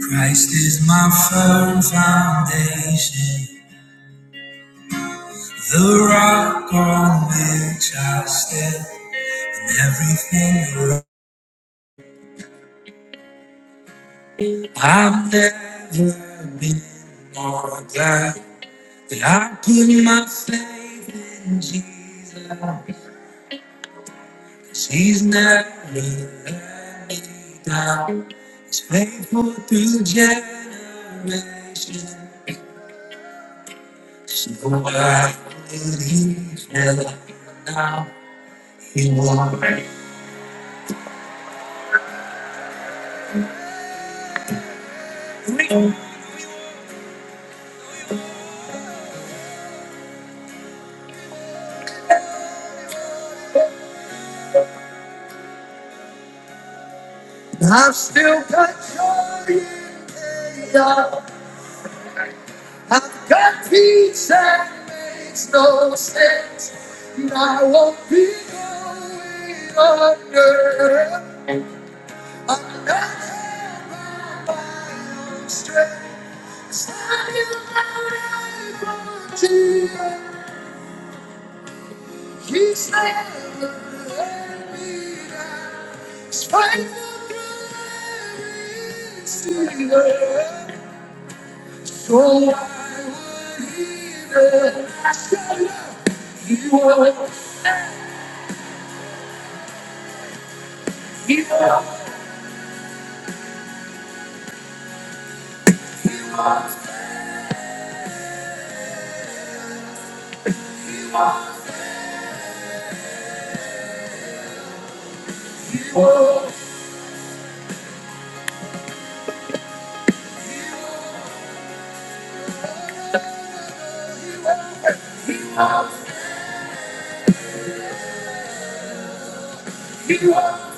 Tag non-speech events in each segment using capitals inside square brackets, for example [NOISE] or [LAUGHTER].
Christ is my firm foundation, the rock on which I stand, and everything around. I've never been more glad that I put my faith in Jesus. 'Cause He's never let me down. He's faithful through generations. So why would he fail now? I've still got joy in chaos. I've got peace that makes no sense. And I won't be going under. I'm not held by my own strength. Standing right on Jesus. He's never let me down. Spend it all, every single night. He wants, he wants, he wants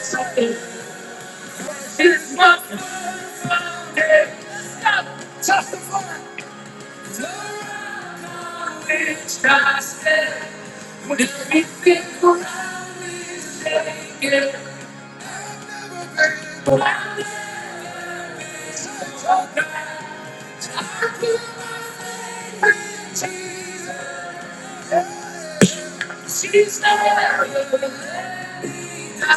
something. It's my birthday, and it's just one night. We'll be feeling love again, but I'm not talking about just one night. She's not ever leaving. Have a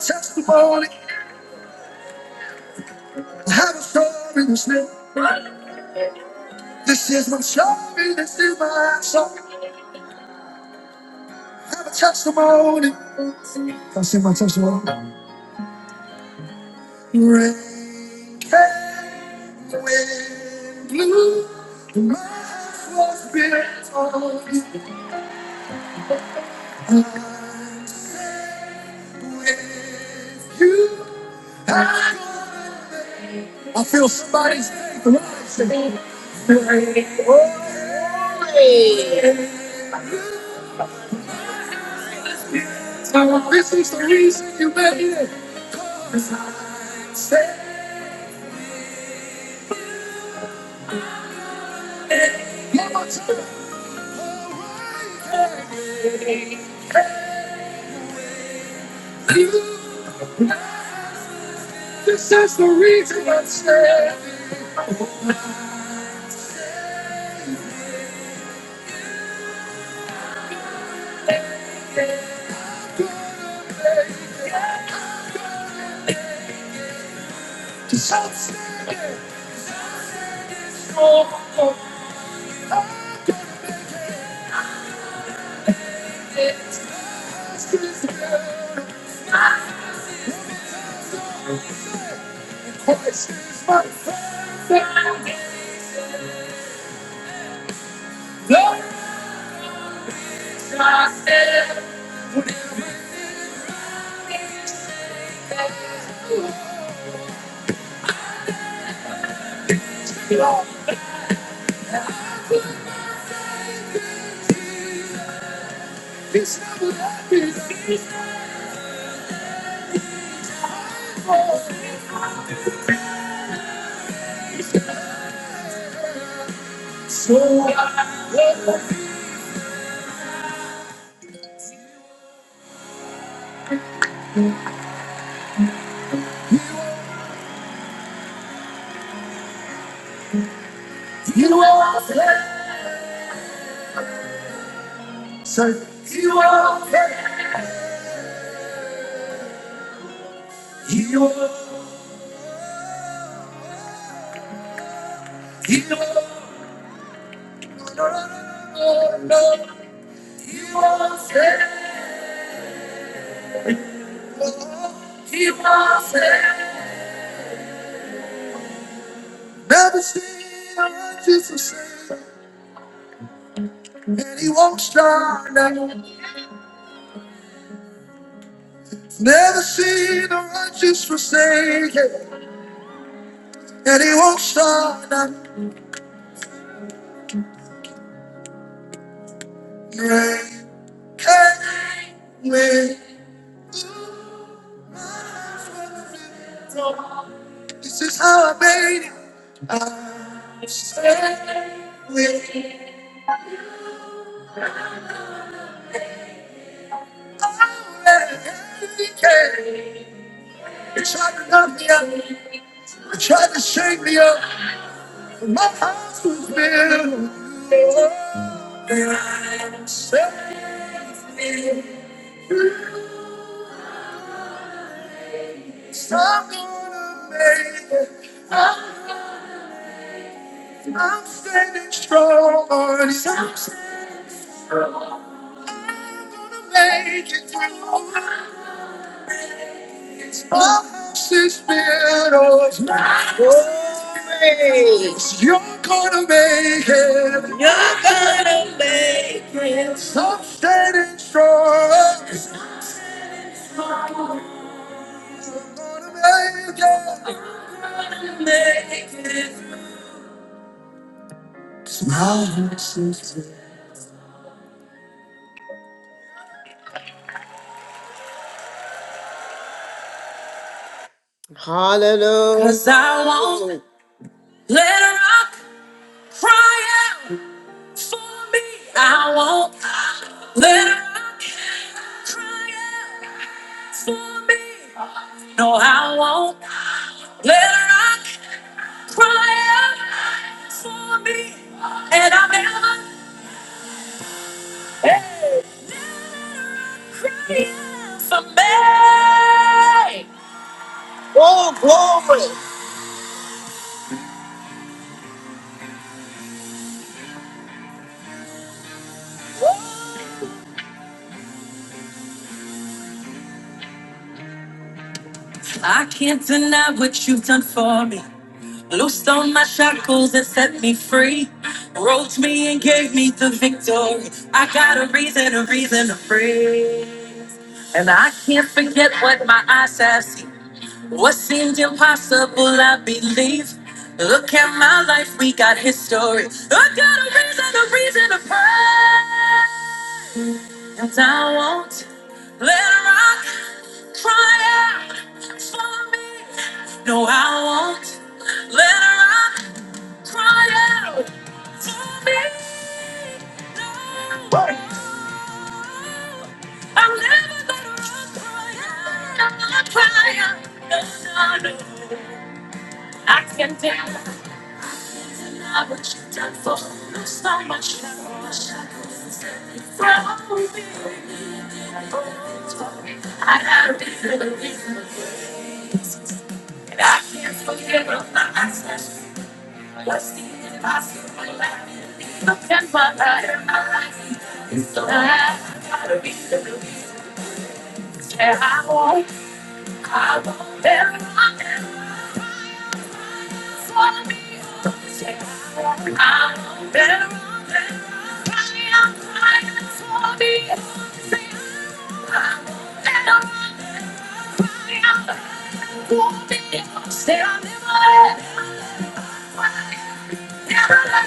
testimony, have a story to say. This is my story, this is my song. Have a testimony. I sing my testimony. Blue was built on you. I- I- Hey. this is the reason you made it. Say, yeah, but you can't. You- This is the reason I'm standing. Cause I'm standing strong. It's just as good. Christ is my friend. Love is my end. So you are there, sir. You are there. You are You are there. You are there. You are there. Never seen a righteous forsaken, and he won't start now. He cannot with. You're gonna make it. You're gonna make it. Stop standing strong. You're gonna make it. Make it. Hallelujah. 'Cause I won't Let a rock cry out for me. I won't. Let a rock cry out for me. No, I won't. Let a rock cry out for me. And I'm never. Hey. Let a rock cry out for me. Oh, glory. I can't deny what you've done for me. Loosed on my shackles and set me free. Wrote me and gave me the victory. I got a reason, a reason to praise. And I can't forget what my eyes have seen. What seemed impossible, I believe. Look at my life, we got history. I got a reason, a reason to praise. And I won't let rock cry out for me. No, I won't let her up. Cry out to me, Lord. I'm never gonna run, cry out, I'm cry out. No, no, no. I can't tell you not what you've done for me. Lose So much love, from me. Oh, I gotta be good. And I can't forget about my access. Stay on the line. Oh,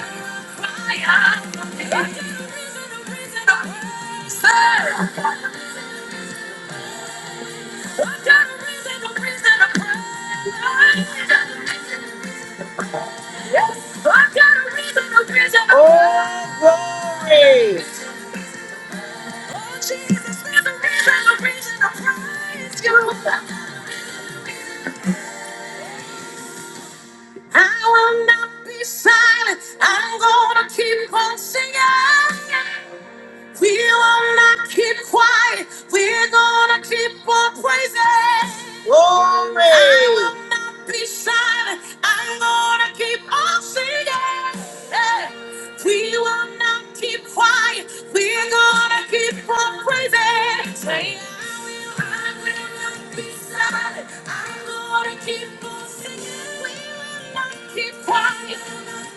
glory! Oh, keep on praising. Glory. I will not be silent. I'm gonna keep on singing. Hey, we will not keep quiet. We're gonna keep on praising. Say, I will, I will not be silent. I'm gonna keep on singing. We will not keep quiet.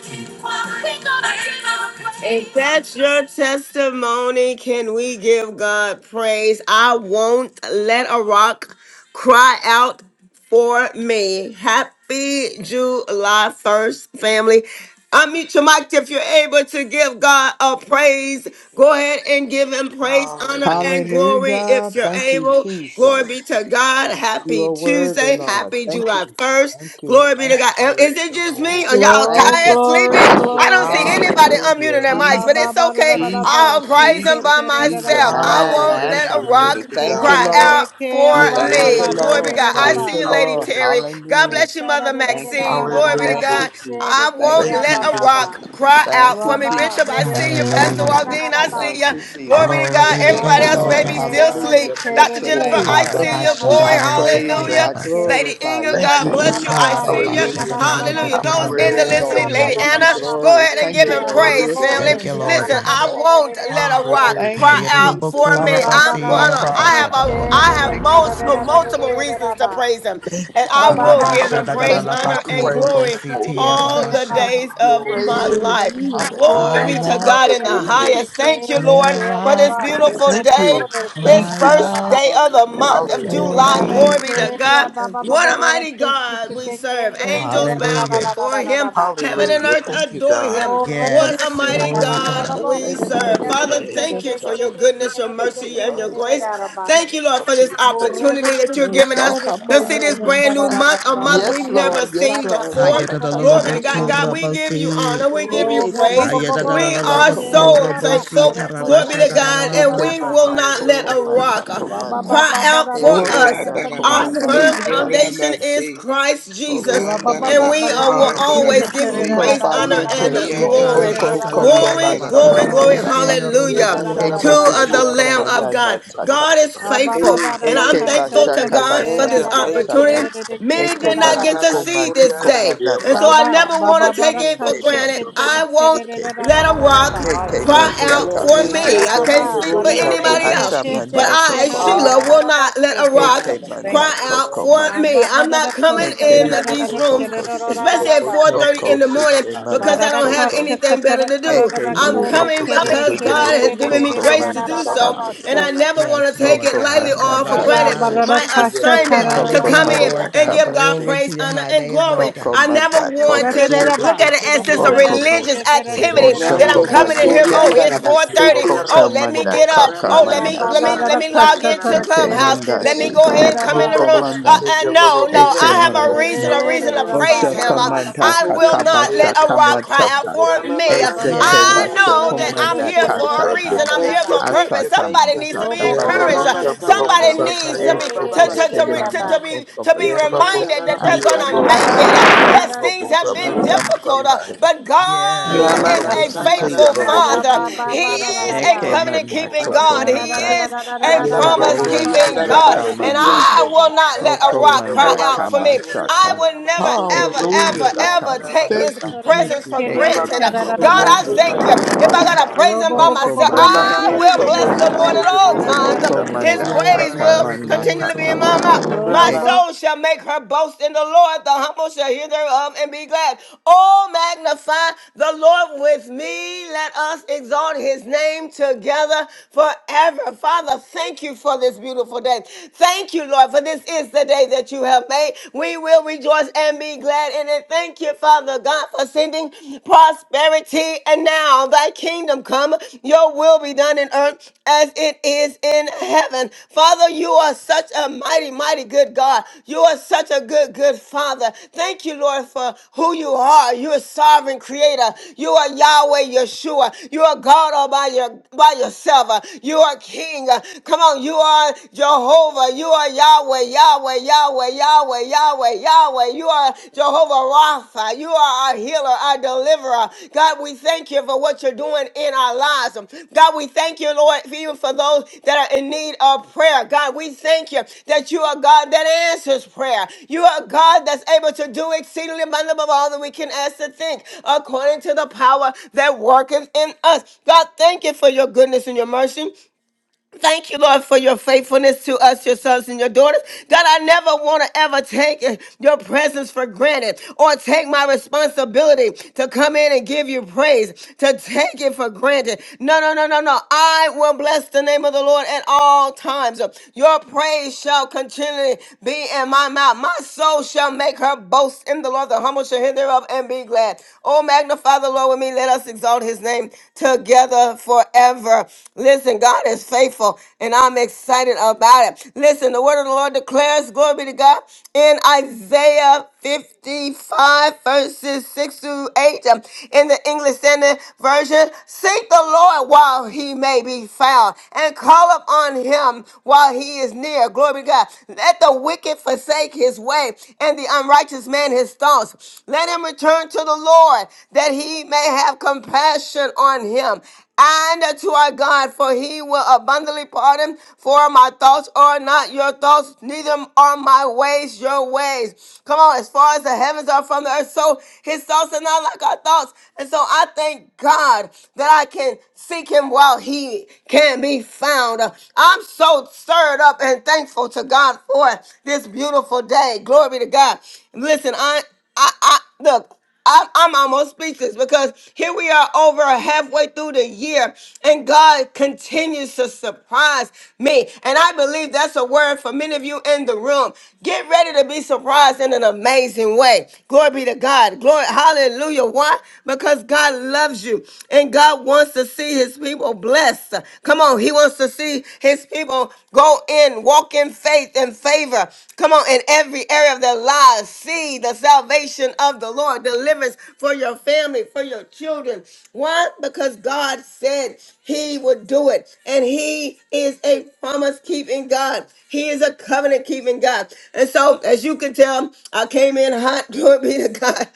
Keep quiet. We're gonna keep on praising. If that's your testimony, can we give God praise? I won't let a rock. Cry out for me. Happy July 1st, family. Unmute your mic if you're able to give God a praise. Go ahead and give him praise, honor, Hallelujah. and glory Hallelujah. if you're Father Thank you, able. Glory be Jesus. to God. You Happy are worthy, Tuesday. Lord. Happy Thank July you. God, Thank 1st. you. Glory be I to Thank you. God. praise Is it your just holy me? Are name. y'all Glory, Thank you. tired, glory, sleepy? Thank you. I glory, don't see Thank you. glory. anybody unmuting Hallelujah. their Ha mics, ba but ba it's Jesus. da da okay. da da Jesus. I'll ba. Hallelujah. praise him by Jesus. Shekete da da da Jesus. da myself. da da I ba. Man, won't man's let a Thank rock unmuted. you, Thank you, cry God. Kora de Lord. de out ke ha for ba Your ba Thank word you, me. ba is de to Glory de be to be de Lord. de God. da I Thank praised. see you, ba. you, Lady Lord. Hallelujah. Terry. God Hallelujah. bless you, Sheta da Mother de de de Thank you, da Maxine. da da Jesus. da Glory be da to da Thank ba. Hallelujah. you, God. She Jesus. de I ke Thank won't you, Thank ha you, let ba a ba Jesus. Jesus. rock ba. cry out Thank for you, Ra me. Bishop, Jesus. I de see Thank you. ke you, Pastor da Hallelujah, Jesus. da da da Waldine, da I ba. see Thank you. you, Jesus. Glory be to glory to God. Ba your ba Thank Everybody name, you, Hallelujah. ba else de Lord Thank may de Lord. be you, ke God. still ha God. da de asleep. Hallelujah. ke de Dr. Bless de your Jennifer, ke name, de Ooh, I de God. thank ke see you, you. da da Harabasha da da Glory, Jesus. da da I da la la ba. Saya, praise you. bakura ya hallelujah. I de basi, ke. Lady glorify Inga, you. Thank you, God Jesus. bless you. Baba Hallelujah. I baba Thank see you, you. deke harabasha da Hallelujah. ala da la la la Jesus. la la I Hallelujah. la I Those bakura in love the you, praise basi list kashe your ya listening, Lord. ti I Lady baba holy give you Anna, baba harabasha. name. go baba glory. ahead and Thank give deke you, Your him ya Lord. word baba You're praise, is so bo family. to Thank be you, deke wonderful. ala Lord Listen, You're la praised. God. la so la I la awesome. la won't la la let a la la la rock Hallelujah. Thank cry you, Harabasha da da la la out Jesus. for I bakura me. won't baba let I'm the basi ti baba la la rock gonna. la crowd I down. harabasha have da da kashe a. la I la la have Thank la la. you, la multiple la Jesus. la multiple la la la la reasons to ba praise him, Thank and you, I Jesus. Hallelujah. baba will baba give Harabasha him da da la deke praise, Hallelujah. Thank la you, I honor, and deke Jesus. bakura praise deke glory your basi la la holy ti la la name. all la la Thank the harabasha. you, ba days Lord. Your of my Praise your word life. name. Hallelujah. Hallelujah. Glory ko I be la la to praise. won't God la in la the la Thank Hallelujah. deke you, highest. Jesus. Thank you, deke let a Lord, deke Thank you, for ala rock this Jesus. ba yo beautiful bo Thank bo day you. bo deke Thank you, this ala Thank cry you, la Jesus. la God. la first out ba day of the Hallelujah. month of Thank Hallelujah. you, for July. Jesus. Glory me. be Thank to Barakhe you. ya God. baba Thank you, bo What bo a Jesus. mighty deke God we deke serve. Thank you, deke Angels la la Jesus. la bow Hallelujah, la before la la la him, ba heaven Thank and you, Hallelujah. earth Jesus. Thank you, adore God. him. Baba What a yes, Praise mighty Thank you, glory your Jesus. God God. Just we let him know serve. holy that Father, I name. ain't thank never you for tried your to do that. goodness, your It's mercy, him and or your his grace. family. Do Thank you, that Lord, for for me. this We praise opportunity that you're Oh, giving our us to God. see Shakamana this brand new Masa. month, a Oh, month we've Yes, with never Lord. Yes, seen Lord. your before. Hashakana Glory to God. Masha. God, we Hallelujah. give you Ayadadadadabakurabosi. honor. We give glory, you AKC praise. se We Mana are Koko so Mana Ayadadadadadabakurabosi glory, thankful. Glory be Shakamana. to glory. God. And Eke we tarabashadadadadabas. will Mana not let Koko a Hallelujah. Manta rock uh, Komata. baba cry baba out baba for Eke kaç us. Mana Our Koko Oriandarabase, yakındır firm Manda Hallelujah. Thank you, foundation Kalasi. Jesus. is Kiriamase, Christ Jesus. Oko Rabba, Mana. And Baba we uh, Baraka will Hallelujah. always Hallelujah. give you Nandarabasuriandarabase, Oko praise, honor, and Thank Bayeke. uh, you, Oroboshi Sheketere Iandabo glory. Oko Lord. Koko Glory, glory, Bashaka Shotoriandarabase, glory. Mashaka. karabasadadadadabakaraboshi Yeah, Hallelujah. To Heke uh, orobokurabosi. the Kererararararaba. bushoko Lamb of banana God. Nandarabasuriandarabase. God is takamasa. Ababa, faithful. Hey, And I'm Heke hey, thankful to bashaka God for thank this you, bashaka opportunity thank you. bashaka. opportunity many Heke did not get to bashuko see this mantuko day. And Rababasuriandarabase. manata so I never kamata. want to take it Mm. for Heke granted. bushoko I won't manike. let a rock Heke cry Hallelujah. out manshaka Glory for to Hey, masu. me. God. I Yandabo can't speak for Hallelujah. Barako Thank anybody you, else. Suriandarabase, Hasha But Jesus. manda Sheketere I, koko Sheila, will manda. Kererarararaba not Hallelujah. let a Thank you, Sota. rock Heke Father. Thank cry manda you, out koko Lord. for Ababa me. manda. I'm not Barako coming Heke in manda these rooms, koko si. especially at Shandarararararaba. 4:30 in Oko the morning, sike because manda I don't have koko. Marakasha anything better to do. Heke Katarakara I'm manda Kore coming koko Kerere because manda. God has given me Koko grace Kerere to manda do Yes, I so, can. and I kamasi. Basaya never want Yes, to take take Lord it Oko lightly God. manda or for Baba granted Rabashai. kabasi. my Marakasha assignment to Tarara Coco come Hallelujah, in Manda Lord Bahaya and God. give God Kabashi, Glory to praise, your honor, high and name, glory. Lord Coco I God. never Manda want to Kobashi, look Udarereba at it Hallelujah. as just a Turokora Coco Hallelujah. Manda religious Kete activity Bless Kerere your that I'm name, Nandabo Bandara coming in here. Oshakobayike, Jesus. Oh, it's Yeah, Suriandarabase, Ba Robo 4:30. Sita, Oh, Coco Kira, let Yellow me Manda Robo get up. Sita, Kaka Oh, Ramama let Baba me Baba let me Mandasha, let Sandarama me log Marakasha into Eke Tarakere Clubhouse. Let Kerere me Sandarama Mandashi, go ahead and Kerere come in the room. Oko Bahasano Uh, Manda, uh, Yellow no, Robo no, Eke I Rama have a Manda, mama reason, a sanda na reason to nama Kerere praise Ba sanda na Him. Uh, Raba nama Oshakamanda Raba I will not sotorianda. Kerere Kakabasha let Ba a rock cry out Kamataka, for Rama me. Uh, mama Eseke Marakasha I Yes, sotorianda na know Bashoko nama that I'm Kerere manda here sete. here Kerere for a Kataka, reason. I'm here Thank you, Ba for a thank purpose. you, thank Asakama Somebody you. needs to Wo be bo bo bo Shakabasha encouraged. Rama bo da mama da Santa, ke sanda Kamasha, na Somebody se de nama de needs ke to de be de soriamba de de to, baba de to, de Eseke to, de shuto. re- da to, ba. Manda to be koko to be Kokobasha, Sanda reminded na that nama they're Da gonna ba ba make sorianda ba it. da Uh, rama. Ashakamanda ka da Yes, da things ke have been se difficult, uh, Akamanasha. but God Rama is Ha mama a Ekemana ha yes. sanda ha na ha faithful nama kamasha. ma ya Father. ba sete. ba He ba da da da is Robo a ba. Mm. covenant Ekemana keeping Santa. God. Ya He da da da kokomanda. da is da da da a da Yanda da da da Hallelujah. rabo promise ba ka Okomanda keeping sha sorianda ta God. da rama da da And da da sete. kakamanda. da I da da will da ba. not let a rock cry Okomanda Rama out for baba me. I sorianda kabashaka. na will nama never, sete. ever, Romo Ekemashaka ever, sorianda ever na nama take Thank His sete. mataka. you, Da da da de Jesus. presence for ke de de de Rama granted. mama ke da Ekemana da da God, ba. I sotorianda Hallelujah. na thank Thank you. nama you, If kokomandaka. Father I sete. gotta God. praise Wo him bo by bo bo bo myself, bo Rama Okomanda ko I she mama Oh, ke will the bless ya most ba sorianda you, the na ba Lord kokomanda. at take, the all ba da da namasete da most da times. de robo de after de His the da Okomanda da most ba. sorianda Glory, I praise na will tell glory, namase. kakamana glory, continually you. be in kaka. my glory, mouth. Wo glory. My bo Rama, bo Ek- soul shall make her boast in the Lord. The humble shall hear thereof and be glad. Oh, magnify the Lord with me. Let us exalt his name together forever. Father, thank you for this beautiful day. Thank you, Lord, for this is the day that you have made. We will rejoice rejoice and be glad in it. Thank you, Father God, for sending prosperity. And now thy kingdom come, your will be done in earth as it is in heaven. Father, you are such a mighty, mighty good God. You are such a good, good Father. Thank you, Lord, for who you are. You're a sovereign creator. You are Yahweh Yeshua. You are God all by your by yourself. You are King. Come on, you are Jehovah. You are are Yahweh, Yahweh, Yahweh, Yahweh, Yahweh, Yahweh. You are Jehovah Rapha. You are our healer, our deliverer. God, we thank you for what you're doing in our lives. God, we thank you, Lord, even for those that are in need of prayer. God, we thank you that you are God that answers prayer. You are God that's able to do exceedingly abundantly above all that we can ask to think, according to the power that worketh in us. God, thank you for your goodness and your mercy. Thank you, Lord, for your faithfulness to us, your sons and your daughters. God, I never want to ever take eh, your presence for granted or take my responsibility to come in and give you praise, to take it for granted. No, no, no, no, no. I will bless the name of the Lord at all times. Your praise shall continually be in my mouth. My soul shall make her boast in the Lord. The humble shall hear thereof and be glad. Oh, magnify the Lord with me. Let us exalt his name together forever. Listen, God is faithful, and I'm excited about it. Listen, the word of the Lord declares, glory be to God, in Isaiah 55, verses 6 through 8, um, in the English Standard Version, seek the Lord while he may be found, and call upon him while he is near. Glory be to God. Let the wicked forsake his way, and the unrighteous man his thoughts. Let him return to the the Lord that he may have compassion on him. And to our God, for he will abundantly pardon. For my thoughts are not your thoughts, neither are my ways your ways. Come on, as far as the heavens are from the earth, so his thoughts are not like our thoughts. And so I thank God that I can seek him while he can be found. I'm so stirred up and thankful to God for this beautiful day. Glory be to God. Listen, I I I look. I'm, I'm almost speechless because here we are over halfway through the year and God continues to surprise me. And I believe that's a word for many of you in the room. Get ready to be surprised in an amazing way. Glory be to God. Glory. Hallelujah. Why? Because God loves you and God wants to see his people blessed. Come on. He wants to see his people go in, walk in faith and favor. Come on, in every area of their lives, see the salvation of the Lord, deliverance for your family, for your children. Why? Because God said He would do it, and He is a promise keeping God. He is a covenant keeping God. And so, as you can tell, I came in hot. [LAUGHS] Glory be to God.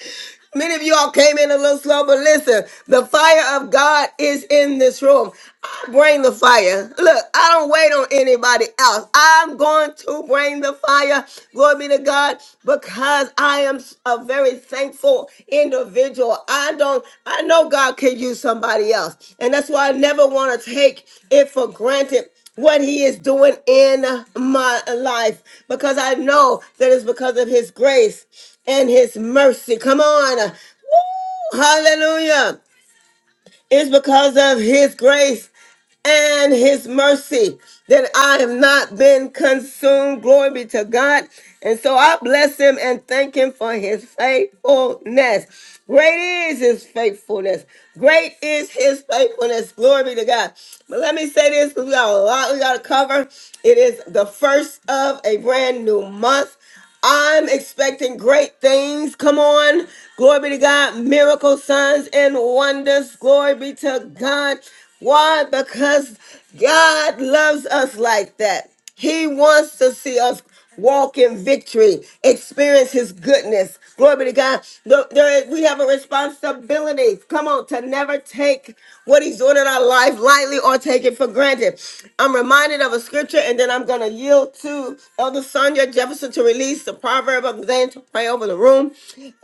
Many of you all came in a little slow, but listen, the fire of God is in this room. I bring the fire. Look, I don't wait on anybody else. I'm going to bring the fire. Glory be to God, because I am a very thankful individual. I don't, I know God can use somebody else. And that's why I never want to take it for granted what he is doing in my life because I know that it's because of his grace and his mercy. Come on. Woo! Hallelujah. It's because of his grace and his mercy that I have not been consumed. Glory be to God. And so I bless him and thank him for his faithfulness. Great is his faithfulness. Great is his faithfulness. Glory be to God. But let me say this because we got a lot we got to cover. It is the first of a brand new month. I'm expecting great things. Come on. Glory be to God. Miracle signs and wonders. Glory be to God. Why? Because God loves us like that. He wants to see us walk in victory, experience his goodness. Glory be to God. Look, there is- we have a responsibility. Come on, to never take what he's doing in our life lightly or take it for granted. I'm reminded of a scripture, and then I'm going to yield to Elder Sonia Jefferson to release the proverb of the day and to pray over the room.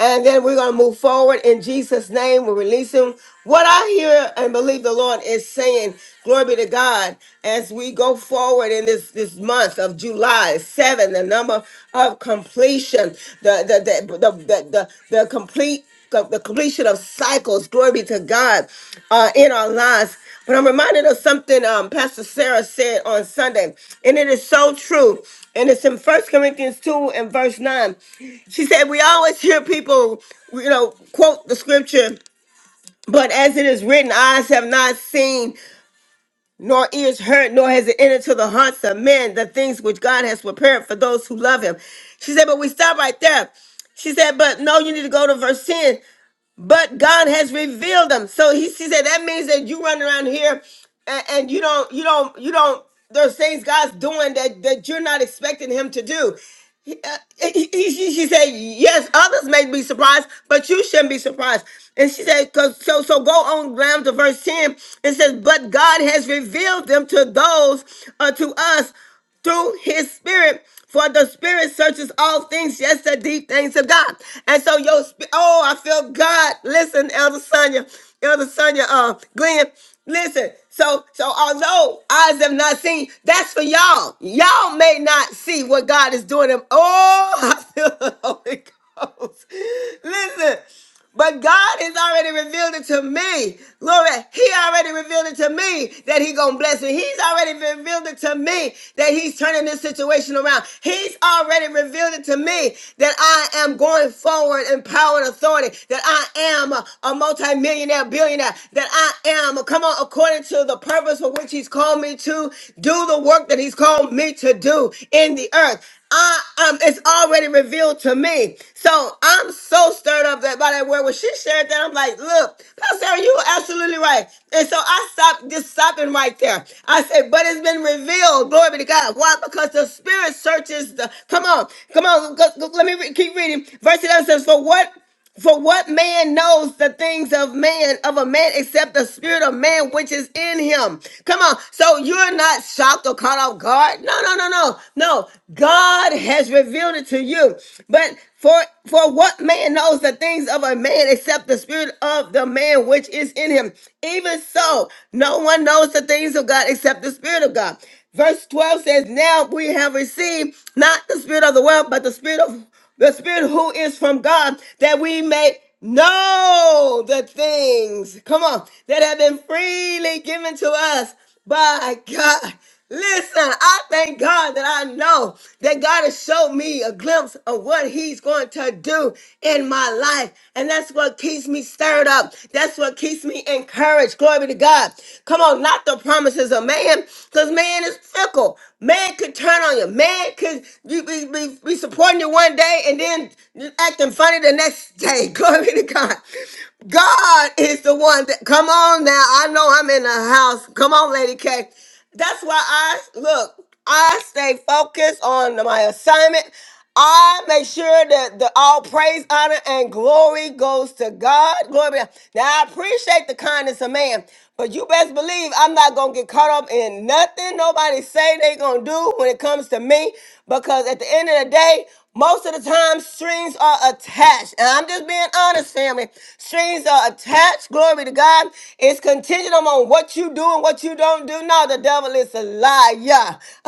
And then we're going to move forward in Jesus' name. We're releasing what I hear and believe the Lord is saying. Glory be to God as we go forward in this, this month of July 7, the number of completion, the, the, the, the, the, the, the complete of the completion of cycles. Glory be to God uh, in our lives. But I'm reminded of something um, Pastor Sarah said on Sunday, and it is so true. And it's in First Corinthians 2 and verse 9. She said, We always hear people, you know, quote the scripture, but as it is written, eyes have not seen, nor ears heard, nor has it entered to the hearts of men the things which God has prepared for those who love him. She said, But we stop right there. She said, but no, you need to go to verse 10 but God has revealed them. So he, he said that means that you run around here and, and you don't, you don't, you don't. There's things God's doing that that you're not expecting Him to do uh, he- he- she, she said, yes, others may be surprised, but you shouldn't be surprised. And she said, 'Cause- so, so go on down to verse 10. It says, but God has revealed them to those, uh, to us through his spirit. For the spirit searches all things, yes, the deep things of God. And so your, sp- oh, I feel God. Listen, Elder Sonia, Elder Sonia, uh, Glenn. Listen, so so although eyes have not seen, that's for y'all. Y'all may not see what God is doing. Them. Oh, [LAUGHS] I feel the Holy Ghost. Listen, but God has already revealed it to me. Glory, He already revealed it to me that He gonna bless me. He's already revealed it to me that He's turning this situation around. He's already revealed it to me that I am going forward in power and authority. That I am a, a multimillionaire millionaire, billionaire, that I am, come on, according to the purpose for which He's called me to do the work that He's called me to do in the earth. I um, it's already revealed to me. So I'm so stirred up that by that word when she shared that, I'm like, look, Pastor, Sarah, you are absolutely right. And so I stopped just stopping right there. I said, but it's been revealed. Glory be to God. Why? Because the Spirit searches the. Come on, come on. go- go- let me re- keep reading. Verse 11 says, for what? For what man knows the things of man, of a man, except the spirit of man which is in him? Come on. So you're not shocked or caught off guard? No, no, no, no. No. God has revealed it to you. But for for what man knows the things of a man except the spirit of the man which is in him? Even so, no one knows the things of God except the spirit of God. Verse 12 says, Now we have received not the spirit of the world, but the spirit of the spirit who is from God, that we may know the things, come on, that have been freely given to us by God. Listen, I thank God that I know that God has showed me a glimpse of what He's going to do in my life. And that's what keeps me stirred up. That's what keeps me encouraged. Glory be to God. Come on, not the promises of man, because man is fickle. Man could turn on you. Man could you, you be, be, be supporting it one day and then acting funny the next day. [LAUGHS] Glory to God. God is the one that, come on now. I know I'm in the house. Come on, Lady K. That's why I, look, I stay focused on my assignment. I make sure that the all praise, honor, and glory goes to God. Glory. be- to God. Now I appreciate the kindness of man, but you best believe I'm not gonna get caught up in nothing nobody say they gonna do when it comes to me, because at the end of the day. Most of the time, strings are attached. And I'm just being honest, family. Strings are attached. Glory to God. It's contingent on what you do and what you don't do. No, the devil is a liar. [LAUGHS]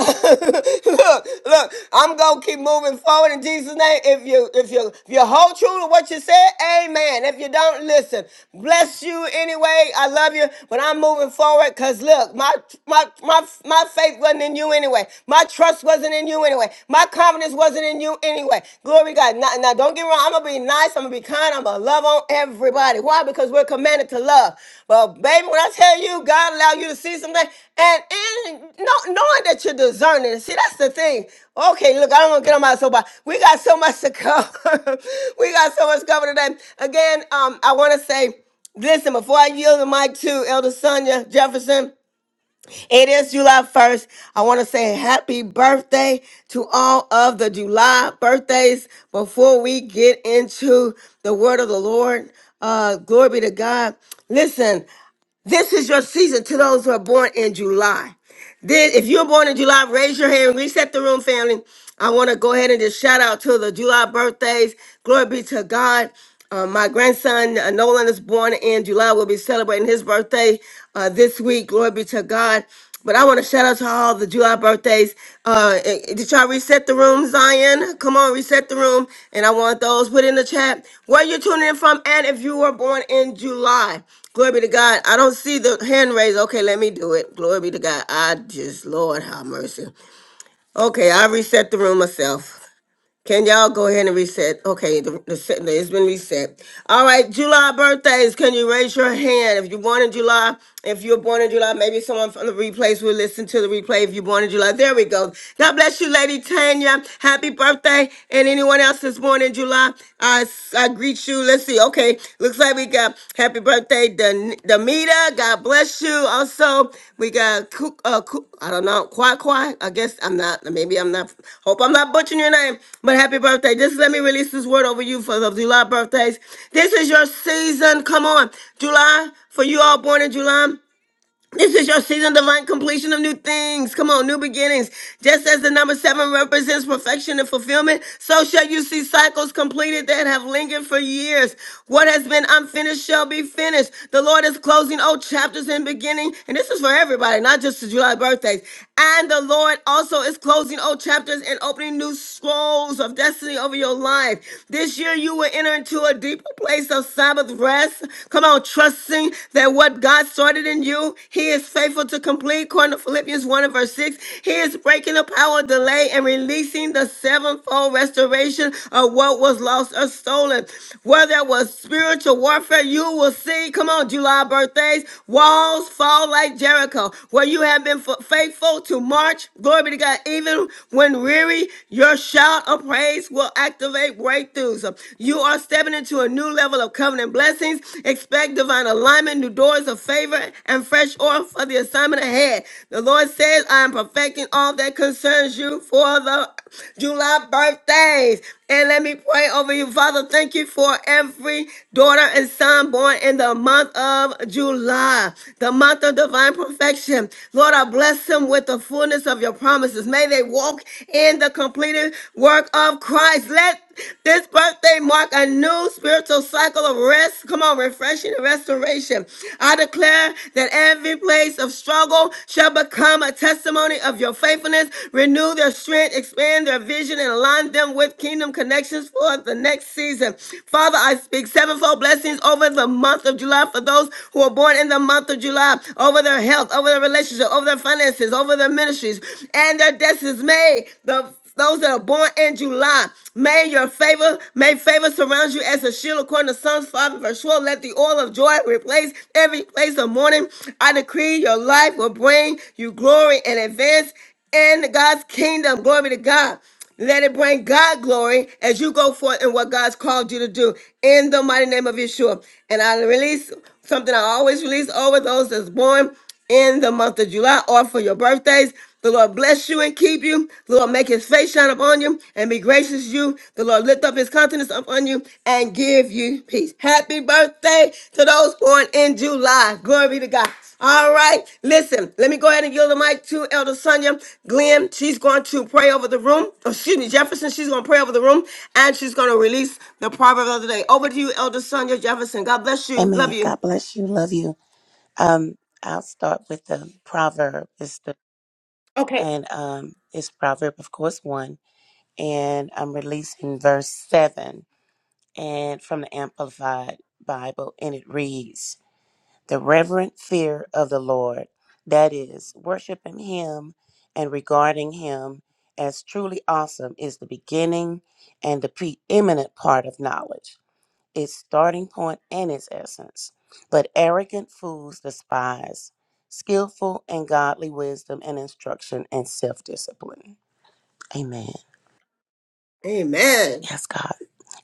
look, look, I'm gonna keep moving forward in Jesus' name. If you if you if you hold true to what you said, amen. If you don't listen, bless you anyway. I love you, but I'm moving forward because look, my my my my faith wasn't in you anyway. My trust wasn't in you anyway. My confidence wasn't in you anyway. Glory to God. Now, now don't get me wrong. I'm gonna be nice. I'm gonna be kind. I'm gonna love on everybody. Why? Because we're commanded to love. But baby, when I tell you God allowed you to see something, and, and know- knowing that you're discerning. See, that's the thing. Okay, look, I don't want to get on my soapbox. We got so much to cover. [LAUGHS] we got so much to cover today. Again, um, I want to say, listen, before I yield the mic to Elder Sonia Jefferson. It is July 1st. I want to say happy birthday to all of the July birthdays. Before we get into the word of the Lord, uh, glory be to God. Listen, this is your season to those who are born in July. Then, if you're born in July, raise your hand. Reset the room, family. I want to go ahead and just shout out to the July birthdays. Glory be to God. Uh, my grandson uh, Nolan is born in July. We'll be celebrating his birthday uh, this week. Glory be to God. But I want to shout out to all the July birthdays. Uh, eh, eh, did y'all reset the room, Zion? Come on, reset the room. And I want those put in the chat where you're tuning in from and if you were born in July. Glory be to God. I don't see the hand raised. Okay, let me do it. Glory be to God. I just, Lord, have mercy. Okay, I reset the room myself. Can y'all go ahead and reset? Okay, the, the, set- it's been reset. All right, July birthdays. Can you raise your hand if you're born in July? If you're born in July, maybe someone from the replays will listen to the replay. If you're born in July, there we go. God bless you, Lady Tanya. Happy birthday! And anyone else that's born in July, I I greet you. Let's see. Okay. Okay, looks like we got happy birthday, Dan- Damita. God bless you. Also, we got Ku- uh, Ku- I don't know, Kwai Kwai. I guess I'm not. Maybe I'm not. Hope I'm not butchering your name. But happy birthday. Just let me release this word over you for the July birthdays. This is your season. Come on, July. For you all born in July. This is your season, divine completion of new things. Come on, new beginnings. Just as the number seven represents perfection and fulfillment, so shall you see cycles completed that have lingered for years. What has been unfinished shall be finished. The Lord is closing old chapters and beginning, and this is for everybody, not just the July birthdays. And the Lord also is closing old chapters and opening new scrolls of destiny over your life. This year you will enter into a deeper place of Sabbath rest. Come on, trusting that what God started in you, He is faithful to complete. According to Philippians 1 and verse 6, He is breaking the power of delay and releasing the sevenfold restoration of what was lost or stolen. Whether it was spiritual warfare, you will see, come on, July birthdays, walls fall like Jericho, where you have been have been faithful to march. Glory be to God. Even when weary, your shout of praise will activate breakthroughs. You are stepping into a new level of covenant blessings. Expect divine alignment, new doors of favor, and fresh oil for the assignment ahead. The Lord says, I am perfecting all that concerns you for the July birthdays. And let me pray over you, Father. Thank you for every daughter and son born in the month of July, the month of divine perfection. Lord, I bless them with the fullness of your promises. May they walk in the completed work of Christ. Let this birthday mark a new spiritual cycle of rest. Come on, refreshing and restoration. I declare that every place of struggle soul shall become a testimony of your faithfulness. Renew their strength, expand their vision, and align them with kingdom connections for the next season. Father, I speak sevenfold blessings over the month of July for those who are born in the month of July, over their health, over their relationship, over their finances, over their ministries, and their destinies. May the those that are born in July. May your favor, may favor surround you as a shield according to Psalms 5 and verse 12. Let the oil of joy replace every place of mourning. I decree your life will bring you glory and advance in God's kingdom. Glory be to God. Let it bring God glory as you go forth in what God's called you to do in the mighty name of Yeshua. And I release something I always release over those that's born in the month of July or for your birthdays. The Lord bless you and keep you. The Lord make his face shine upon you and be gracious to you. The Lord lift up his countenance upon you and give you peace. Happy birthday to those born in July. Glory be to God. All right, listen, let me go ahead and yield the mic to Elder Sonia Glenn. She's going to pray over the room. Oh, excuse me, Jefferson. She's going to pray over the room and she's going to release the proverb of the day. Over to you, Elder Sonia Jefferson. God bless you. Amen. Love you. God bless you. Love you. Um, I'll start with the proverb. It's the Okay. and um, it's proverb, of course, one, and I'm releasing verse seven, and from the Amplified Bible, and it reads: "The reverent fear of the Lord, that is, worshiping Him and regarding Him as truly awesome, is the beginning and the preeminent part of knowledge." its starting point and its essence. But arrogant fools despise skillful and godly wisdom and instruction and self discipline. Amen. Amen. Yes, God.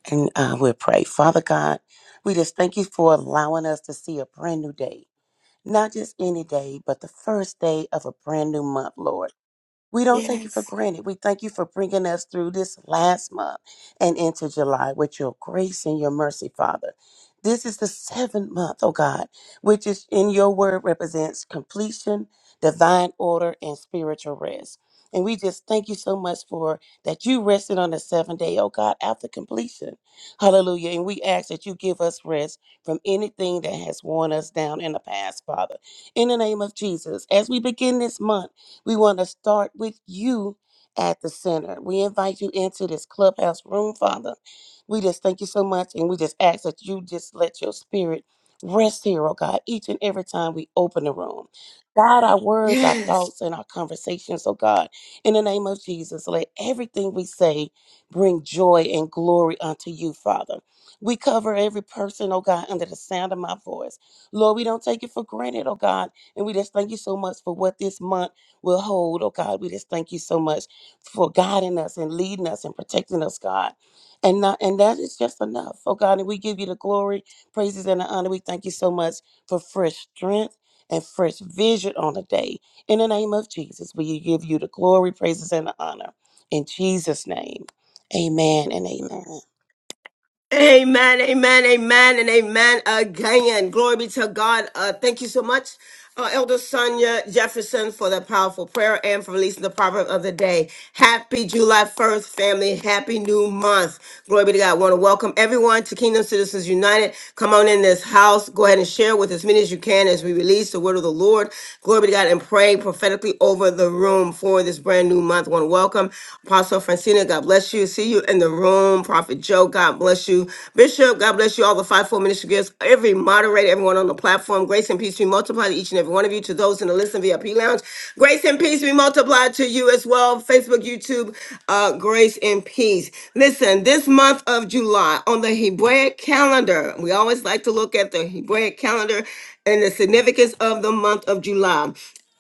And uh, we'll pray. Father God, we just thank you for allowing us to see a brand new day. Not just any day, but the first day of a brand new month, Lord. We don't take you for Yes. granted. We thank you for bringing us through this last month and into July with your grace and your mercy, Father. This is the seventh month, oh God, which is in your word represents completion, divine order, and spiritual rest. And we just thank you so much for that you rested on the seventh day, oh God, after completion. Hallelujah. And we ask that you give us rest from anything that has worn us down in the past, Father. In the name of Jesus, as we begin this month, we want to start with you at the center. We invite you into this clubhouse room, Father. We just thank you so much, and we just ask that you just let your spirit rest here, oh God, each and every time we open the room. God, our words, our Yes. thoughts, and our conversations, oh God, in the name of Jesus, let everything we say bring joy and glory unto you, Father. We cover every person, oh God, under the sound of my voice. Lord, we don't take it for granted, oh God, and we just thank you so much for what this month will hold. Oh God, we just thank you so much for guiding us and leading us and protecting us, God. And not, and that is just enough. Oh God, and we give you the glory, praises, and the honor. We thank you so much for fresh strength and fresh vision on the day. In the name of Jesus, we give you the glory, praises, and the honor. In Jesus' name. Amen and amen. Amen, amen, amen, and amen again. Glory be to God. Uh, thank you so much. uh, Elder Sonia Jefferson for that powerful prayer and for releasing the proverb of the day. Happy July 1st, family. Happy new month. Glory be to God. I want to welcome everyone to Kingdom Citizens United. Come on in this house. Go ahead and share with as many as you can as we release the word of the Lord. Glory be to God and pray prophetically over the room for this brand new month. I want to welcome Apostle Francina. God bless you. See you in the room. Prophet Joe, God bless you you. Bishop, God bless you all the five, four ministry gifts. Every moderator, everyone on the platform, grace and peace be multiplied to each and every one of you. To those in the Listen VIP lounge, grace and peace be multiplied to you as well. Facebook, YouTube, uh, grace and peace. Listen, this month of July on the Hebraic calendar, we always like to look at the Hebraic calendar and the significance of the month of July.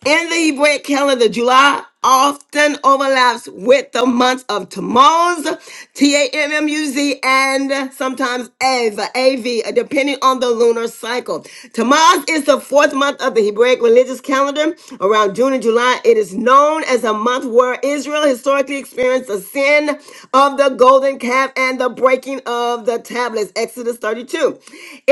In the Hebrew calendar, July often overlaps with the months of Tammuz, T-A-M-M-U-Z, and sometimes Av, A-V, depending on the lunar cycle. Tammuz is the fourth month of the Hebraic religious calendar. Around June and July, it is known as a month where Israel historically experienced the sin of the golden calf and the breaking of the tablets, Exodus 32.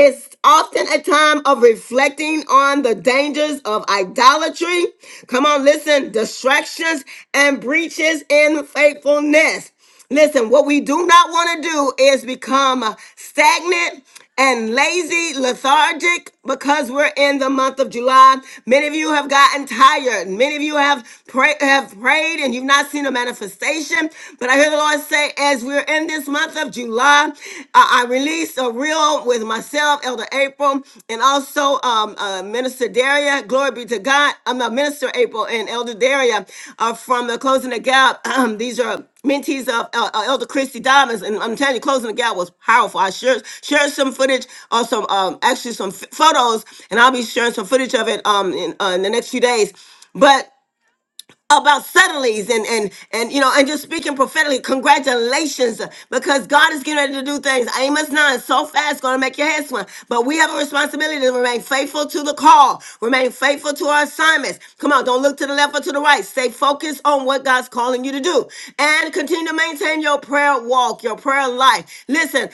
It's often a time of reflecting on the dangers of idolatry. Come on, listen, distractions and breaches in faithfulness. Listen, what we do not want to do is become stagnant and lazy, lethargic, because we're in the month of July. Many of you have gotten tired. Many of you have, pray- have prayed and you've not seen a manifestation. But I hear the Lord say, today, as we're in this month of July, I, I released a reel with myself, Elder April, and also um, uh, Minister Daria. Glory be to God. I'm not Minister April and Elder Daria uh, from the Closing the Gap. [CLEARS THROAT] These are mentees of uh, uh, Elder Christy Diamonds, and I'm telling you, Closing the Gap was powerful. I shared, shared some footage, or some um, actually some f- photos, and I'll be sharing some footage of it um, in, uh, in the next few days. But about suddenlies and and and you know and just speaking prophetically congratulations because god is getting ready to do things amos 9 so fast gonna make your head swim but we have a responsibility to remain faithful to the call remain faithful to our assignments come on don't look to the left or to the right stay focused on what god's calling you to do and continue to maintain your prayer walk your prayer life listen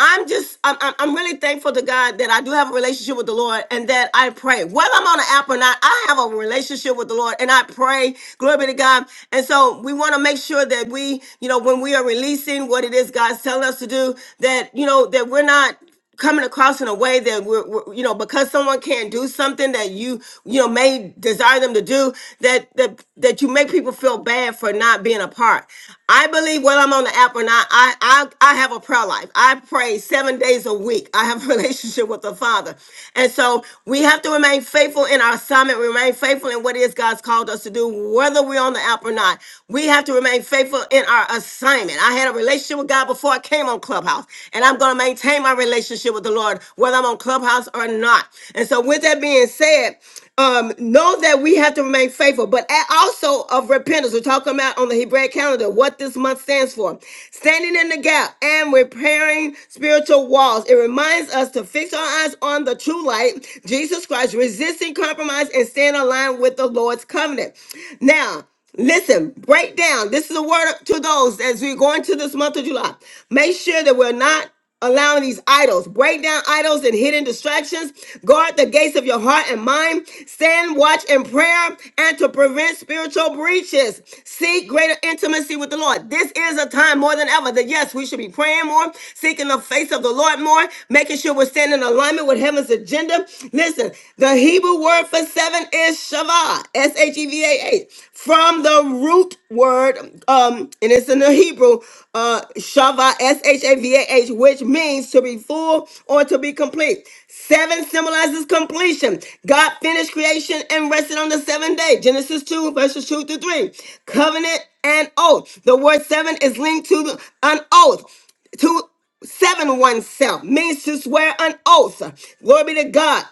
I'm just, I'm, I'm I'm really thankful to God that I do have a relationship with the Lord and that I pray. Whether I'm on an app or not, I have a relationship with the Lord and I pray. Glory be to God. And so we want to make sure that we, you know, when we are releasing what it is God's telling us to do, that, you know, that we're not coming across in a way that we're, we're- you know because someone can't do something that you you know may desire them to do that that that you make people feel bad for not being a part i believe whether i'm on the app or not i i, I have a prayer life i pray seven days a week i have a [LAUGHS] relationship with the father and so we have to remain faithful in our assignment remain faithful in what it is god's called us to do whether we're on the app or not we have to remain faithful in our assignment i had a relationship with relationship with God before I came on Clubhouse. And I'm going to maintain my relationship with the Lord, whether I'm on Clubhouse or not. And so, with that being said, um, know that we have to remain faithful, but a- also of repentance. We're talking about on the Hebraic calendar what this month stands for standing in the gap and repairing spiritual walls. It reminds us to fix our eyes on the true light, Jesus Christ, resisting compromise and staying aligned with the Lord's covenant. Now, Listen, break down. This is a word to those as we're going to this month of July. Make sure that we're not allowing these idols. Break down idols and hidden distractions. Guard the gates of your heart and mind. Stand watch in prayer and to prevent spiritual breaches. Seek greater intimacy with the Lord. This is a time more than ever that yes, we should be praying more, seeking the face of the Lord more, making sure we're standing in alignment with heaven's agenda. Listen, the Hebrew word for seven is is Shava, S H E V A H, from the root word, um, and it's in the Hebrew, uh, Shava, S H A V A H, which means to be full or to be complete. Seven symbolizes completion. God finished creation and rested on the seventh day. Genesis 2, verses 2 to 3. Covenant and oath. The word seven is linked to the, an oath. To seven oneself means to swear an oath. Glory be to God.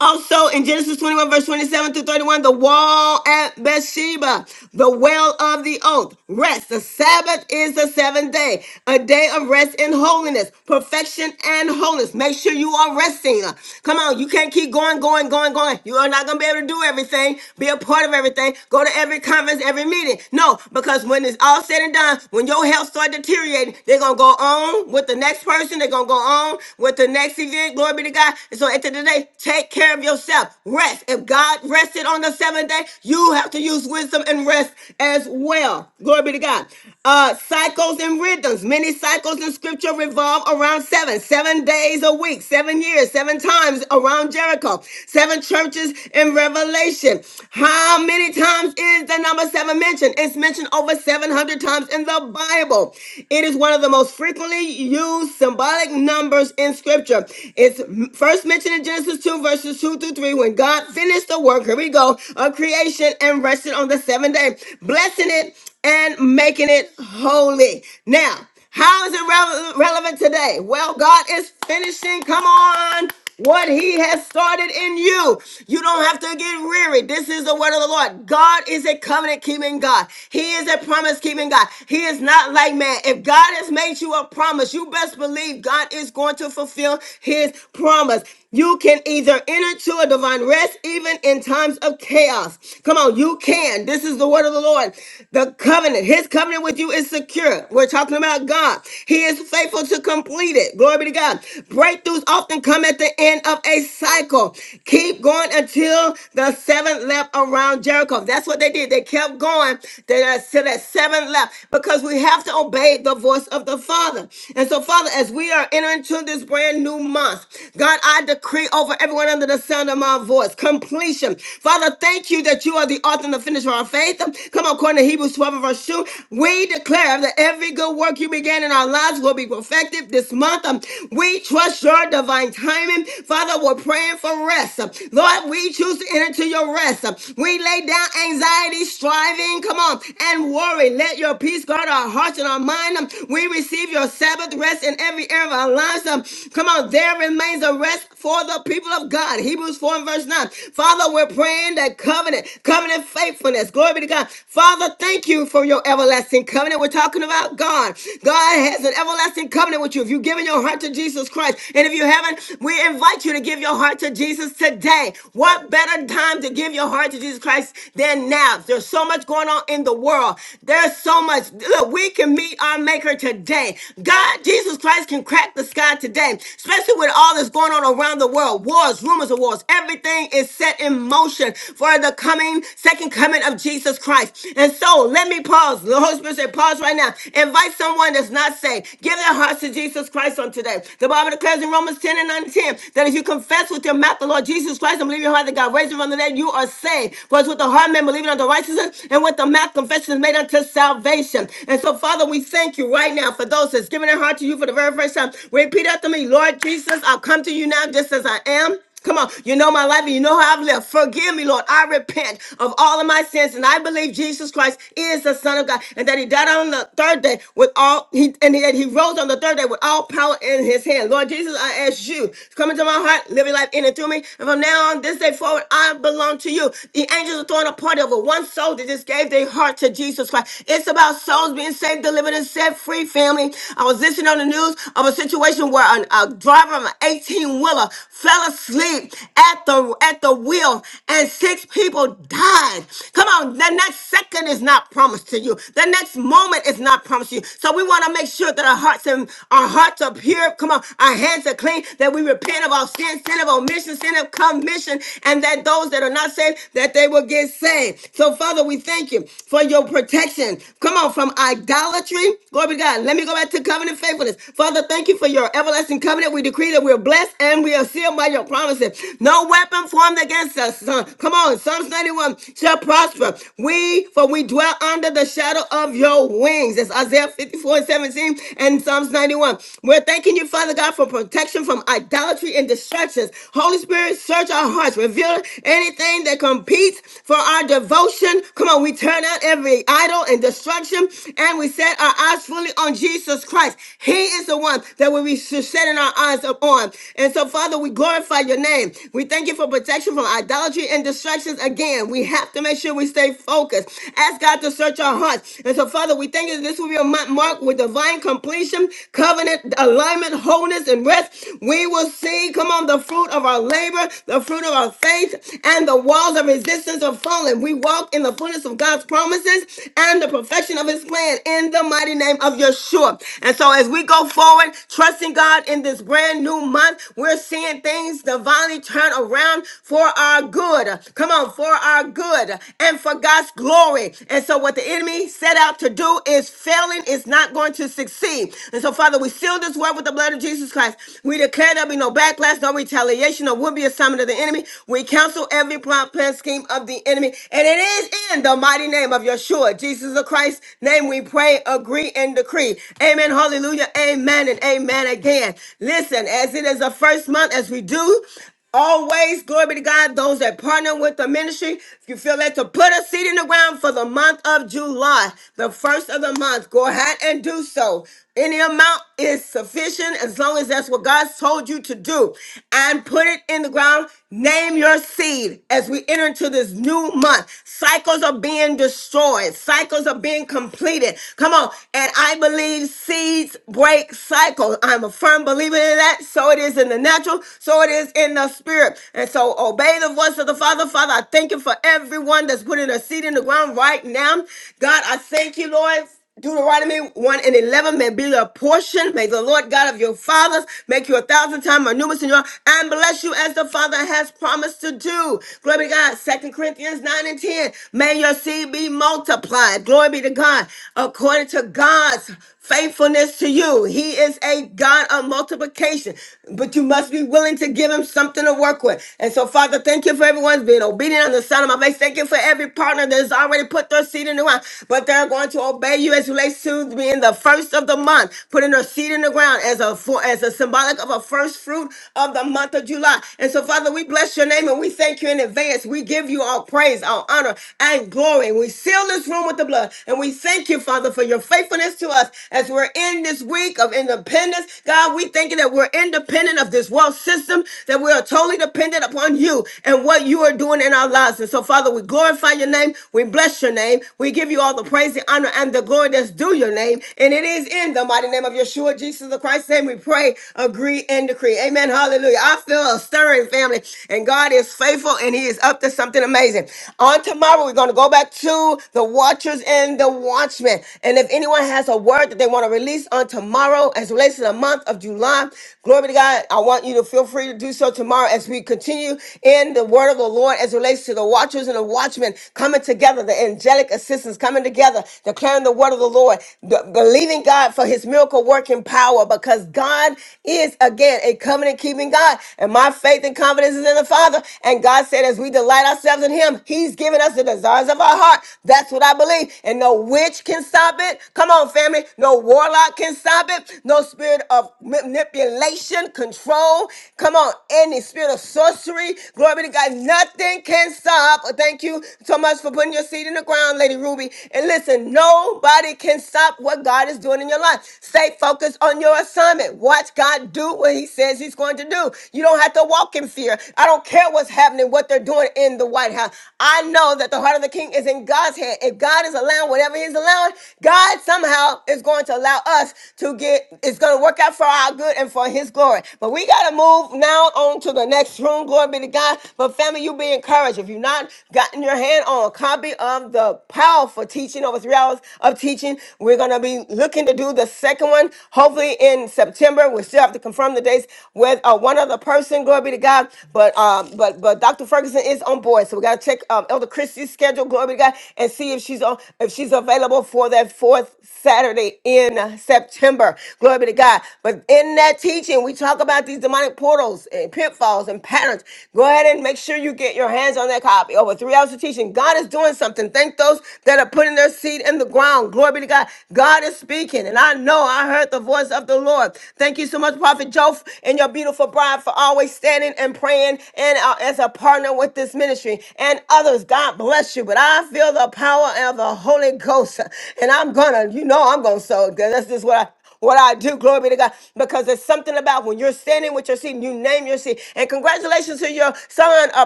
Also in Genesis 21, verse 27 through 31, the wall at Bathsheba, the well of the oath, rest. The Sabbath is the seventh day, a day of rest and holiness, perfection and wholeness. Make sure you are resting. Come on, you can't keep going, going, going, going. You are not going to be able to do everything, be a part of everything, go to every conference, every meeting. No, because when it's all said and done, when your health starts deteriorating, they're going to go on with the next person, they're going to go on with the next event. Glory be to God. And so at the end of the day, day, Take care of yourself. Rest. If God rested on the seventh day, you have to use wisdom and rest as well. Glory be to God. Uh, cycles and rhythms. Many cycles in scripture revolve around seven, seven days a week, seven years, seven times around Jericho, seven churches in Revelation. How many times is the number seven mentioned? It's mentioned over 700 times in the Bible. It is one of the most frequently used symbolic numbers in scripture. It's first mentioned first mentioned in Genesis 2, verses 2 through 3, when God finished the work, here we go, of creation and rested on the seventh day, blessing it and making it holy. Now, how is it rele- relevant today? Well, God is finishing. Come on. What he has started in you. You don't have to get weary. This is the word of the Lord. God is a covenant keeping God. He is a promise keeping God. He is not like man. If God has made you a promise, you best believe God is going to fulfill his promise. You can either enter to a divine rest even in times of chaos. Come on, you can. This is the word of the Lord. The covenant, his covenant with you is secure. We're talking about God. He is faithful to complete it. Glory be to God. Breakthroughs often come at the end of a cycle. Keep going until the seventh lap around Jericho. That's what they did. They kept going to that seventh lap because we have to obey the voice of the Father. And so, Father, as we are entering into this brand new new month. God, I decree over everyone under the sound of my voice completion. Father, thank you that you are the author and the finisher of our faith. Come on, according to Hebrews 12 and verse 2, we declare that every good work you began in our lives will be perfected this month. Um, We trust your divine timing. Father, we're praying for rest. Um, Lord, we choose to enter into your rest. Um, We lay down anxiety, striving, come on, and worry. Let your peace guard our hearts and our mind. Um, We receive your Sabbath rest in every area of our lives. Um, Come on, there remains a rest for the people of God. Hebrews 4 and verse 9. Father, we're praying that covenant, covenant faithfulness. Glory be to God. Father, thank you for your everlasting covenant. We're talking about God. God has an everlasting covenant with you. If you've given your heart to Jesus Christ, and if you haven't, we invite you to give your heart to Jesus today. What better time to give your heart to Jesus Christ than now? There's so much going on in the world. There's so much. Look, we can meet our maker today. God, Jesus Christ can crack crack the sky today, especially with all that's going on around the world wars, rumors of wars. Everything is set in motion for the coming, second coming of Jesus Christ. And so let me pause. The Holy Spirit said, pause right now. Invite someone that's not saved. Give their hearts to Jesus Christ on today. The Bible declares in Romans 10 and 9:10 that if you confess with your mouth the Lord Jesus Christ and believe in your heart that God raised him from the dead, you are saved. For it's with the heart man believing unto righteousness, and with the mouth confession is made unto salvation. And so, Father, we thank you right now for those that's given their heart to you for the for the very first time. Repeat after me, Lord Jesus, I come to you now just as I am. Come on, you know my life and you know how I've lived. Forgive me, Lord. I repent of all of my sins, and I believe Jesus Christ is the Son of God, and that He died on the third day with all He and that He rose on the third day with all power in His hand. Lord Jesus, I ask you, to come into my heart, live your life in and through me. And from now on, this day forward, I belong to you. The angels are throwing a party over one soul that just gave their heart to Jesus Christ. It's about souls being saved, delivered, and set free, family. I was position on the news of a situation where an- a driver of an 18 wheeler fell asleep at the at the wheel and six people died. Come on, the next second is not promised to you. The next moment is not promised to you. So we want to make sure that our hearts and our hearts are pure. Come on, our hands are clean. That we repent of our sin, sin of omission, sin of commission, and that those that are not saved that they will get saved. So Father, we thank you for your protection. Come on, from idolatry. Glory be to God. Let me let me go back to covenant faithfulness. Father, thank you for your everlasting covenant. We decree that we are blessed and we are sealed by your promises. No weapon formed against us. Son. Come on, Psalms 91 shall prosper. We, for we dwell under the shadow of your wings. That's Isaiah 54 and 17 and Psalms 91. We're thanking you, Father God, for protection from idolatry and distractions. Holy Spirit, search our hearts. Reveal anything that competes for our devotion. Come on, we turn out every idol and destruction and we set our eyes fully on Jesus Christ. He is the one that we should setting our eyes upon. And so, Father, we glorify your name. We thank you for protection from idolatry and distractions. Again, we have to make sure we stay focused. Ask God to search our hearts. And so, Father, we thank you that this will be a month marked with divine completion, covenant, alignment, wholeness, and rest. We will see, come on, the fruit of our labor, the fruit of our faith, and the walls of resistance are falling. We walk in the fullness of God's promises and the perfection of his plan in in the mighty name of Yeshua. And so as we go forward, trusting God in this brand new month, we're seeing things divinely turn around for our good. Come on, for our good and for God's glory. And so what the enemy set out to do is failing is not going to succeed. And so, Father, we seal this word with the blood of Jesus Christ. We declare there be no backlash, no retaliation, or would be assignment of the enemy. We cancel every plot, plan, scheme of the enemy. And it is in the mighty name of Yeshua, Jesus the Christ, name we pray, agree, and decree. Amen. Hallelujah. Amen and amen again. Listen, as it is the first month, as we do, Always, glory be to God, those that partner with the ministry, if you feel led to put a seed in the ground for the month of July, the first of the month, go ahead and do so. Any amount is sufficient as long as that's what God's told you to do. And put it in the ground. Name your seed as we enter into this new month. Cycles are being destroyed, cycles are being completed. Come on. And I believe seeds break cycles. I'm a firm believer in that. So it is in the natural, so it is in the spirit. And so obey the voice of the Father. Father, I thank you for everyone that's putting a seed in the ground right now. God, I thank you, Lord Deuteronomy 1 and 11 may be your portion. May the Lord God of your fathers make you a thousand times more numerous in your and bless you as the Father has promised to do. Glory be to God. Second Corinthians 9 and 10. May your seed be multiplied. Glory be to God. According to God's faithfulness to you. He is a God of multiplication, but you must be willing to give him something to work with. And so, Father, thank you for everyone's being obedient on the sound of my face. Thank you for every partner that has already put their seed in the ground, but they're going to obey you as relates to being the first of the month, putting their seed in the ground as a for, as a symbolic of a first fruit of the month of July. And so, Father, we bless your name and we thank you in advance. We give you all praise, all honor, and glory. we seal this room with the blood. And we thank you, Father, for your faithfulness faithfulness to us as we're in this week of independence. God, we thank you that we're independent of this world system, that we are totally dependent upon you and what you are doing in our lives. And so, Father, we glorify your name. We bless your name. We give you all the praise, the honor, and the glory that's due your name. And it is in the mighty name of Yeshua, Jesus the Christ's name, we pray, agree, and decree. Amen. Hallelujah. I feel a stirring, family. And God is faithful and he is up to something amazing. On tomorrow, we're going to go back to the watchers and the watchmen encouragement. And if anyone has a word that they want to release on tomorrow as it relates to the month of July, glory to God, I want you to feel free to do so tomorrow as we continue in the word of the Lord as it relates to the watchers and the watchmen coming together, the angelic assistants coming together, declaring the word of the Lord, the- believing God for his miracle working power because God is again a covenant keeping God. And my faith and confidence is in the Father. And God said, as we delight ourselves in him, he's giving us the desires of our heart. That's what I believe and no witch can stop it. Come on, family. No warlock can stop it. No spirit of manipulation, control. Come on, any spirit of sorcery. Glory be to God. Nothing can stop. Thank you so much for putting your seed in the ground, Lady Ruby. And listen, nobody can stop what God is doing in your life. Stay focused on your assignment. Watch God do what He says He's going to do. You don't have to walk in fear. I don't care what's happening, what they're doing in the White House. I know that the heart of the king is in God's hands ahead. If God is allowing whatever He's allowing, God somehow is going to allow us to get, it's going to work out for our good and for His glory. But we got to move now on to the next room. Glory be to God. But family, you be encouraged. If you've not gotten your hand on a copy of the powerful teaching over three hours of teaching, we're going to be looking to do the second one, hopefully in September. We still have to confirm the dates with uh, one other person. Glory be to God. But um, but but Dr. Ferguson is on board, so we got to check um, Elder Christie's schedule radio, glory to God, and see if she's on, if she's available for that fourth Saturday in September. Glory be to God. But in that teaching, we talk about these demonic portals and pitfalls and patterns. Go ahead and make sure you get your hands on that copy. Over three hours of teaching. God is doing something. Thank those that are putting their seed in the ground. Glory be to God. God is speaking. And I know I heard the voice of the Lord. Thank you so much, Prophet Joe, and your beautiful bride for always standing and praying and uh, as a partner with this ministry and others. God bless you. But I feel the power of the Holy Ghost. And I'm gonna, you know, I'm gonna sow. that's just what I what I do. Glory be to God. Because there's something about when you're standing with your seat and you name your seat. And congratulations to your son, uh,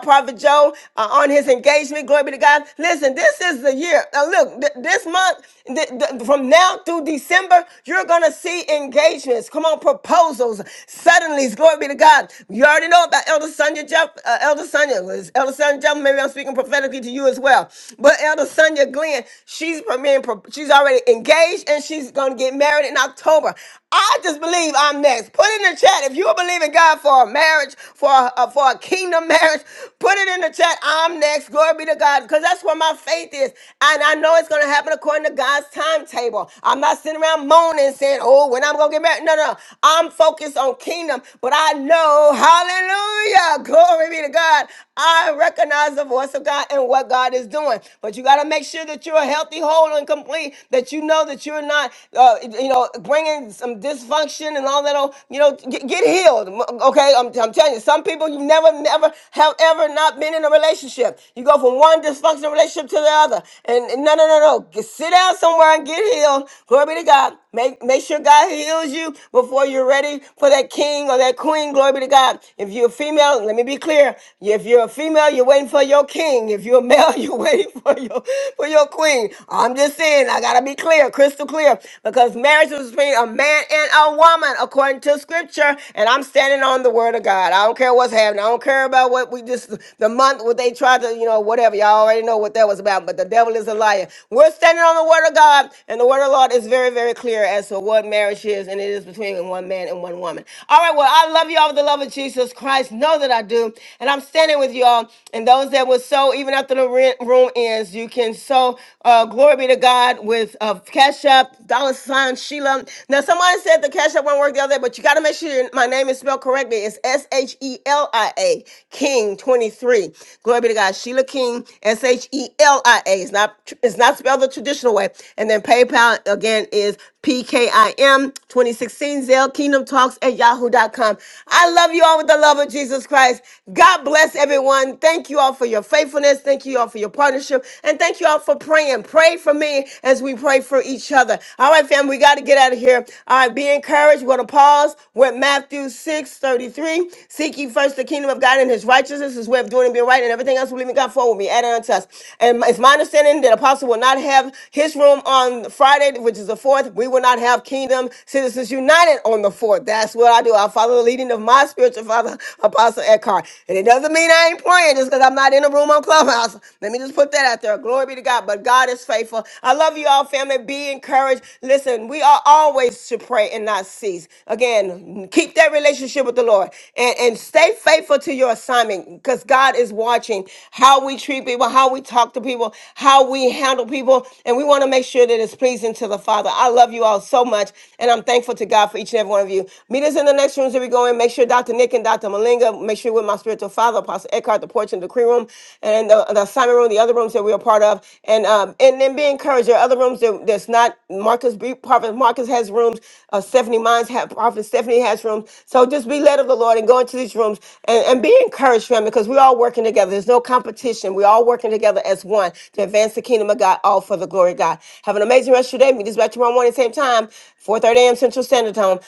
Prophet Joe, uh, on his engagement. Glory be to God. Listen, this is the year. Now, look, th- this month, th- th- from now through December, you're going to see engagements. Come on, proposals, suddenlies. Glory be to God. You already know about Elder Sonia Jeff, uh, Elder Sonia, was Elder Sonia Jeff maybe I'm speaking prophetically to you as well. But Elder Sonia Glenn, she's being, she's already engaged and she's going to get married in October. I just believe I'm next. Put in the chat if you believe in God for a marriage, for a, uh, for a kingdom marriage. Put it in the chat. I'm next. Glory be to God, because that's where my faith is, and I know it's going to happen according to God's timetable. I'm not sitting around moaning saying, "Oh, when I'm going to get married." No, no, no. I'm focused on kingdom, but I know, Hallelujah, glory be to God. I recognize the voice of God and what God is doing. But you got to make sure that you're healthy, whole, and complete. That you know that you're not, uh, you know, bringing some dysfunction and all that. oh, You know, get, get healed. Okay, I'm, I'm telling you, some people you've never, never have ever not been in a relationship. You go from one dysfunctional relationship to the other, and, and no, no, no, no. Get- Sit down somewhere and get healed. Glory be to God. Make make sure God heals you before you're ready for that king or that queen. Glory be to God. If you're a female, let me be clear there. If you're a female, you're waiting for your king. If you're a male, [LAUGHS] you're waiting for your for your queen. I'm just saying, I gotta be clear, crystal clear, because marriage is between a man and a woman, according to scripture. And I'm standing on the word of God. I don't care what's happening. I don't care about what we just the month what they tried to, you know, whatever. Y'all already know what that was about. But the devil is a liar. We're standing on the word of God, and the word of the Lord is very, very clear as to what marriage is, and it is between one man and one woman. All right, well, I love you all with the love of Jesus Christ. No know that I do. And I'm standing with y'all. And those that will sow, even after the rent room ends, you can sow. Uh, glory be to God with uh, Cash App, Dollar Sign, Sheila. Now, someone said the Cash App won't work the other day, but you got to make sure your- my name is spelled correctly. It's S H E L I A, King 23. Glory be to God. Sheila King, S H E L I A. It's not, it's not spelled the traditional way. And then PayPal, again, is PKIM 2016 Zell Kingdom Talks at yahoo dot com. I love you all with the love of Jesus Christ. God bless everyone. Thank you all for your faithfulness. Thank you all for your partnership. And thank you all for praying. Pray for me as we pray for each other. All right, fam, we got to get out of here. All right, be encouraged. We're going to pause. We're at Matthew 6 33. Seek ye first the kingdom of God and his righteousness, his way of doing and being right, and everything else we believe in God for will be added unto us. And it's my understanding that Apostle will not have his room on Friday, which is the 4th. We will not have Kingdom Citizens United on the 4th. That's what I do. I follow the lead leading of my spiritual father, Apostle Eckhart. And it doesn't mean I ain't praying just because I'm not in a room on Clubhouse. Let me just put that out there. Glory be to God. But God is faithful. I love you all, family. Be encouraged. Listen, we are always to pray and not cease. Again, keep that relationship with the Lord and, and stay faithful to your assignment because God is watching how we treat people, how we talk to people, how we handle people. And we want to make sure that it's pleasing to the Father. I love you all so much. And I'm thankful to God for each and every one of you. Meet us in the in the next rooms that we go in, make sure Dr. Nick and Dr. Malinga, make sure with my spiritual father, Apostle Eckhart, the porch and decree room, and the, the assignment room, the other rooms that we are part of. And um, and then be encouraged. There are other rooms that, that's not Marcus B, Prophet Marcus has rooms, uh, Stephanie Mines have Prophet Stephanie has rooms. So just be led of the Lord and go into these rooms and, and be encouraged, family, because we're all working together. There's no competition. We're all working together as one to advance the kingdom of God, all for the glory of God. Have an amazing rest of your day. Meet us back tomorrow morning, same time, 4 30 a.m. Central Standard Time.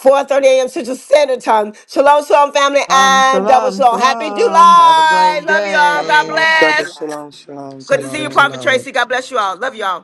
4.30 a.m. Central Standard Time. Shalom, shalom, family, Salam, and double salam, shalom. Happy salam. Have a July. great Love That y'all. was God day. long. Happy bless. double July. shalom shalom. Good to Great see you, Shalom, Prophet room. shalom. Tracy. God bless you all. Love y'all.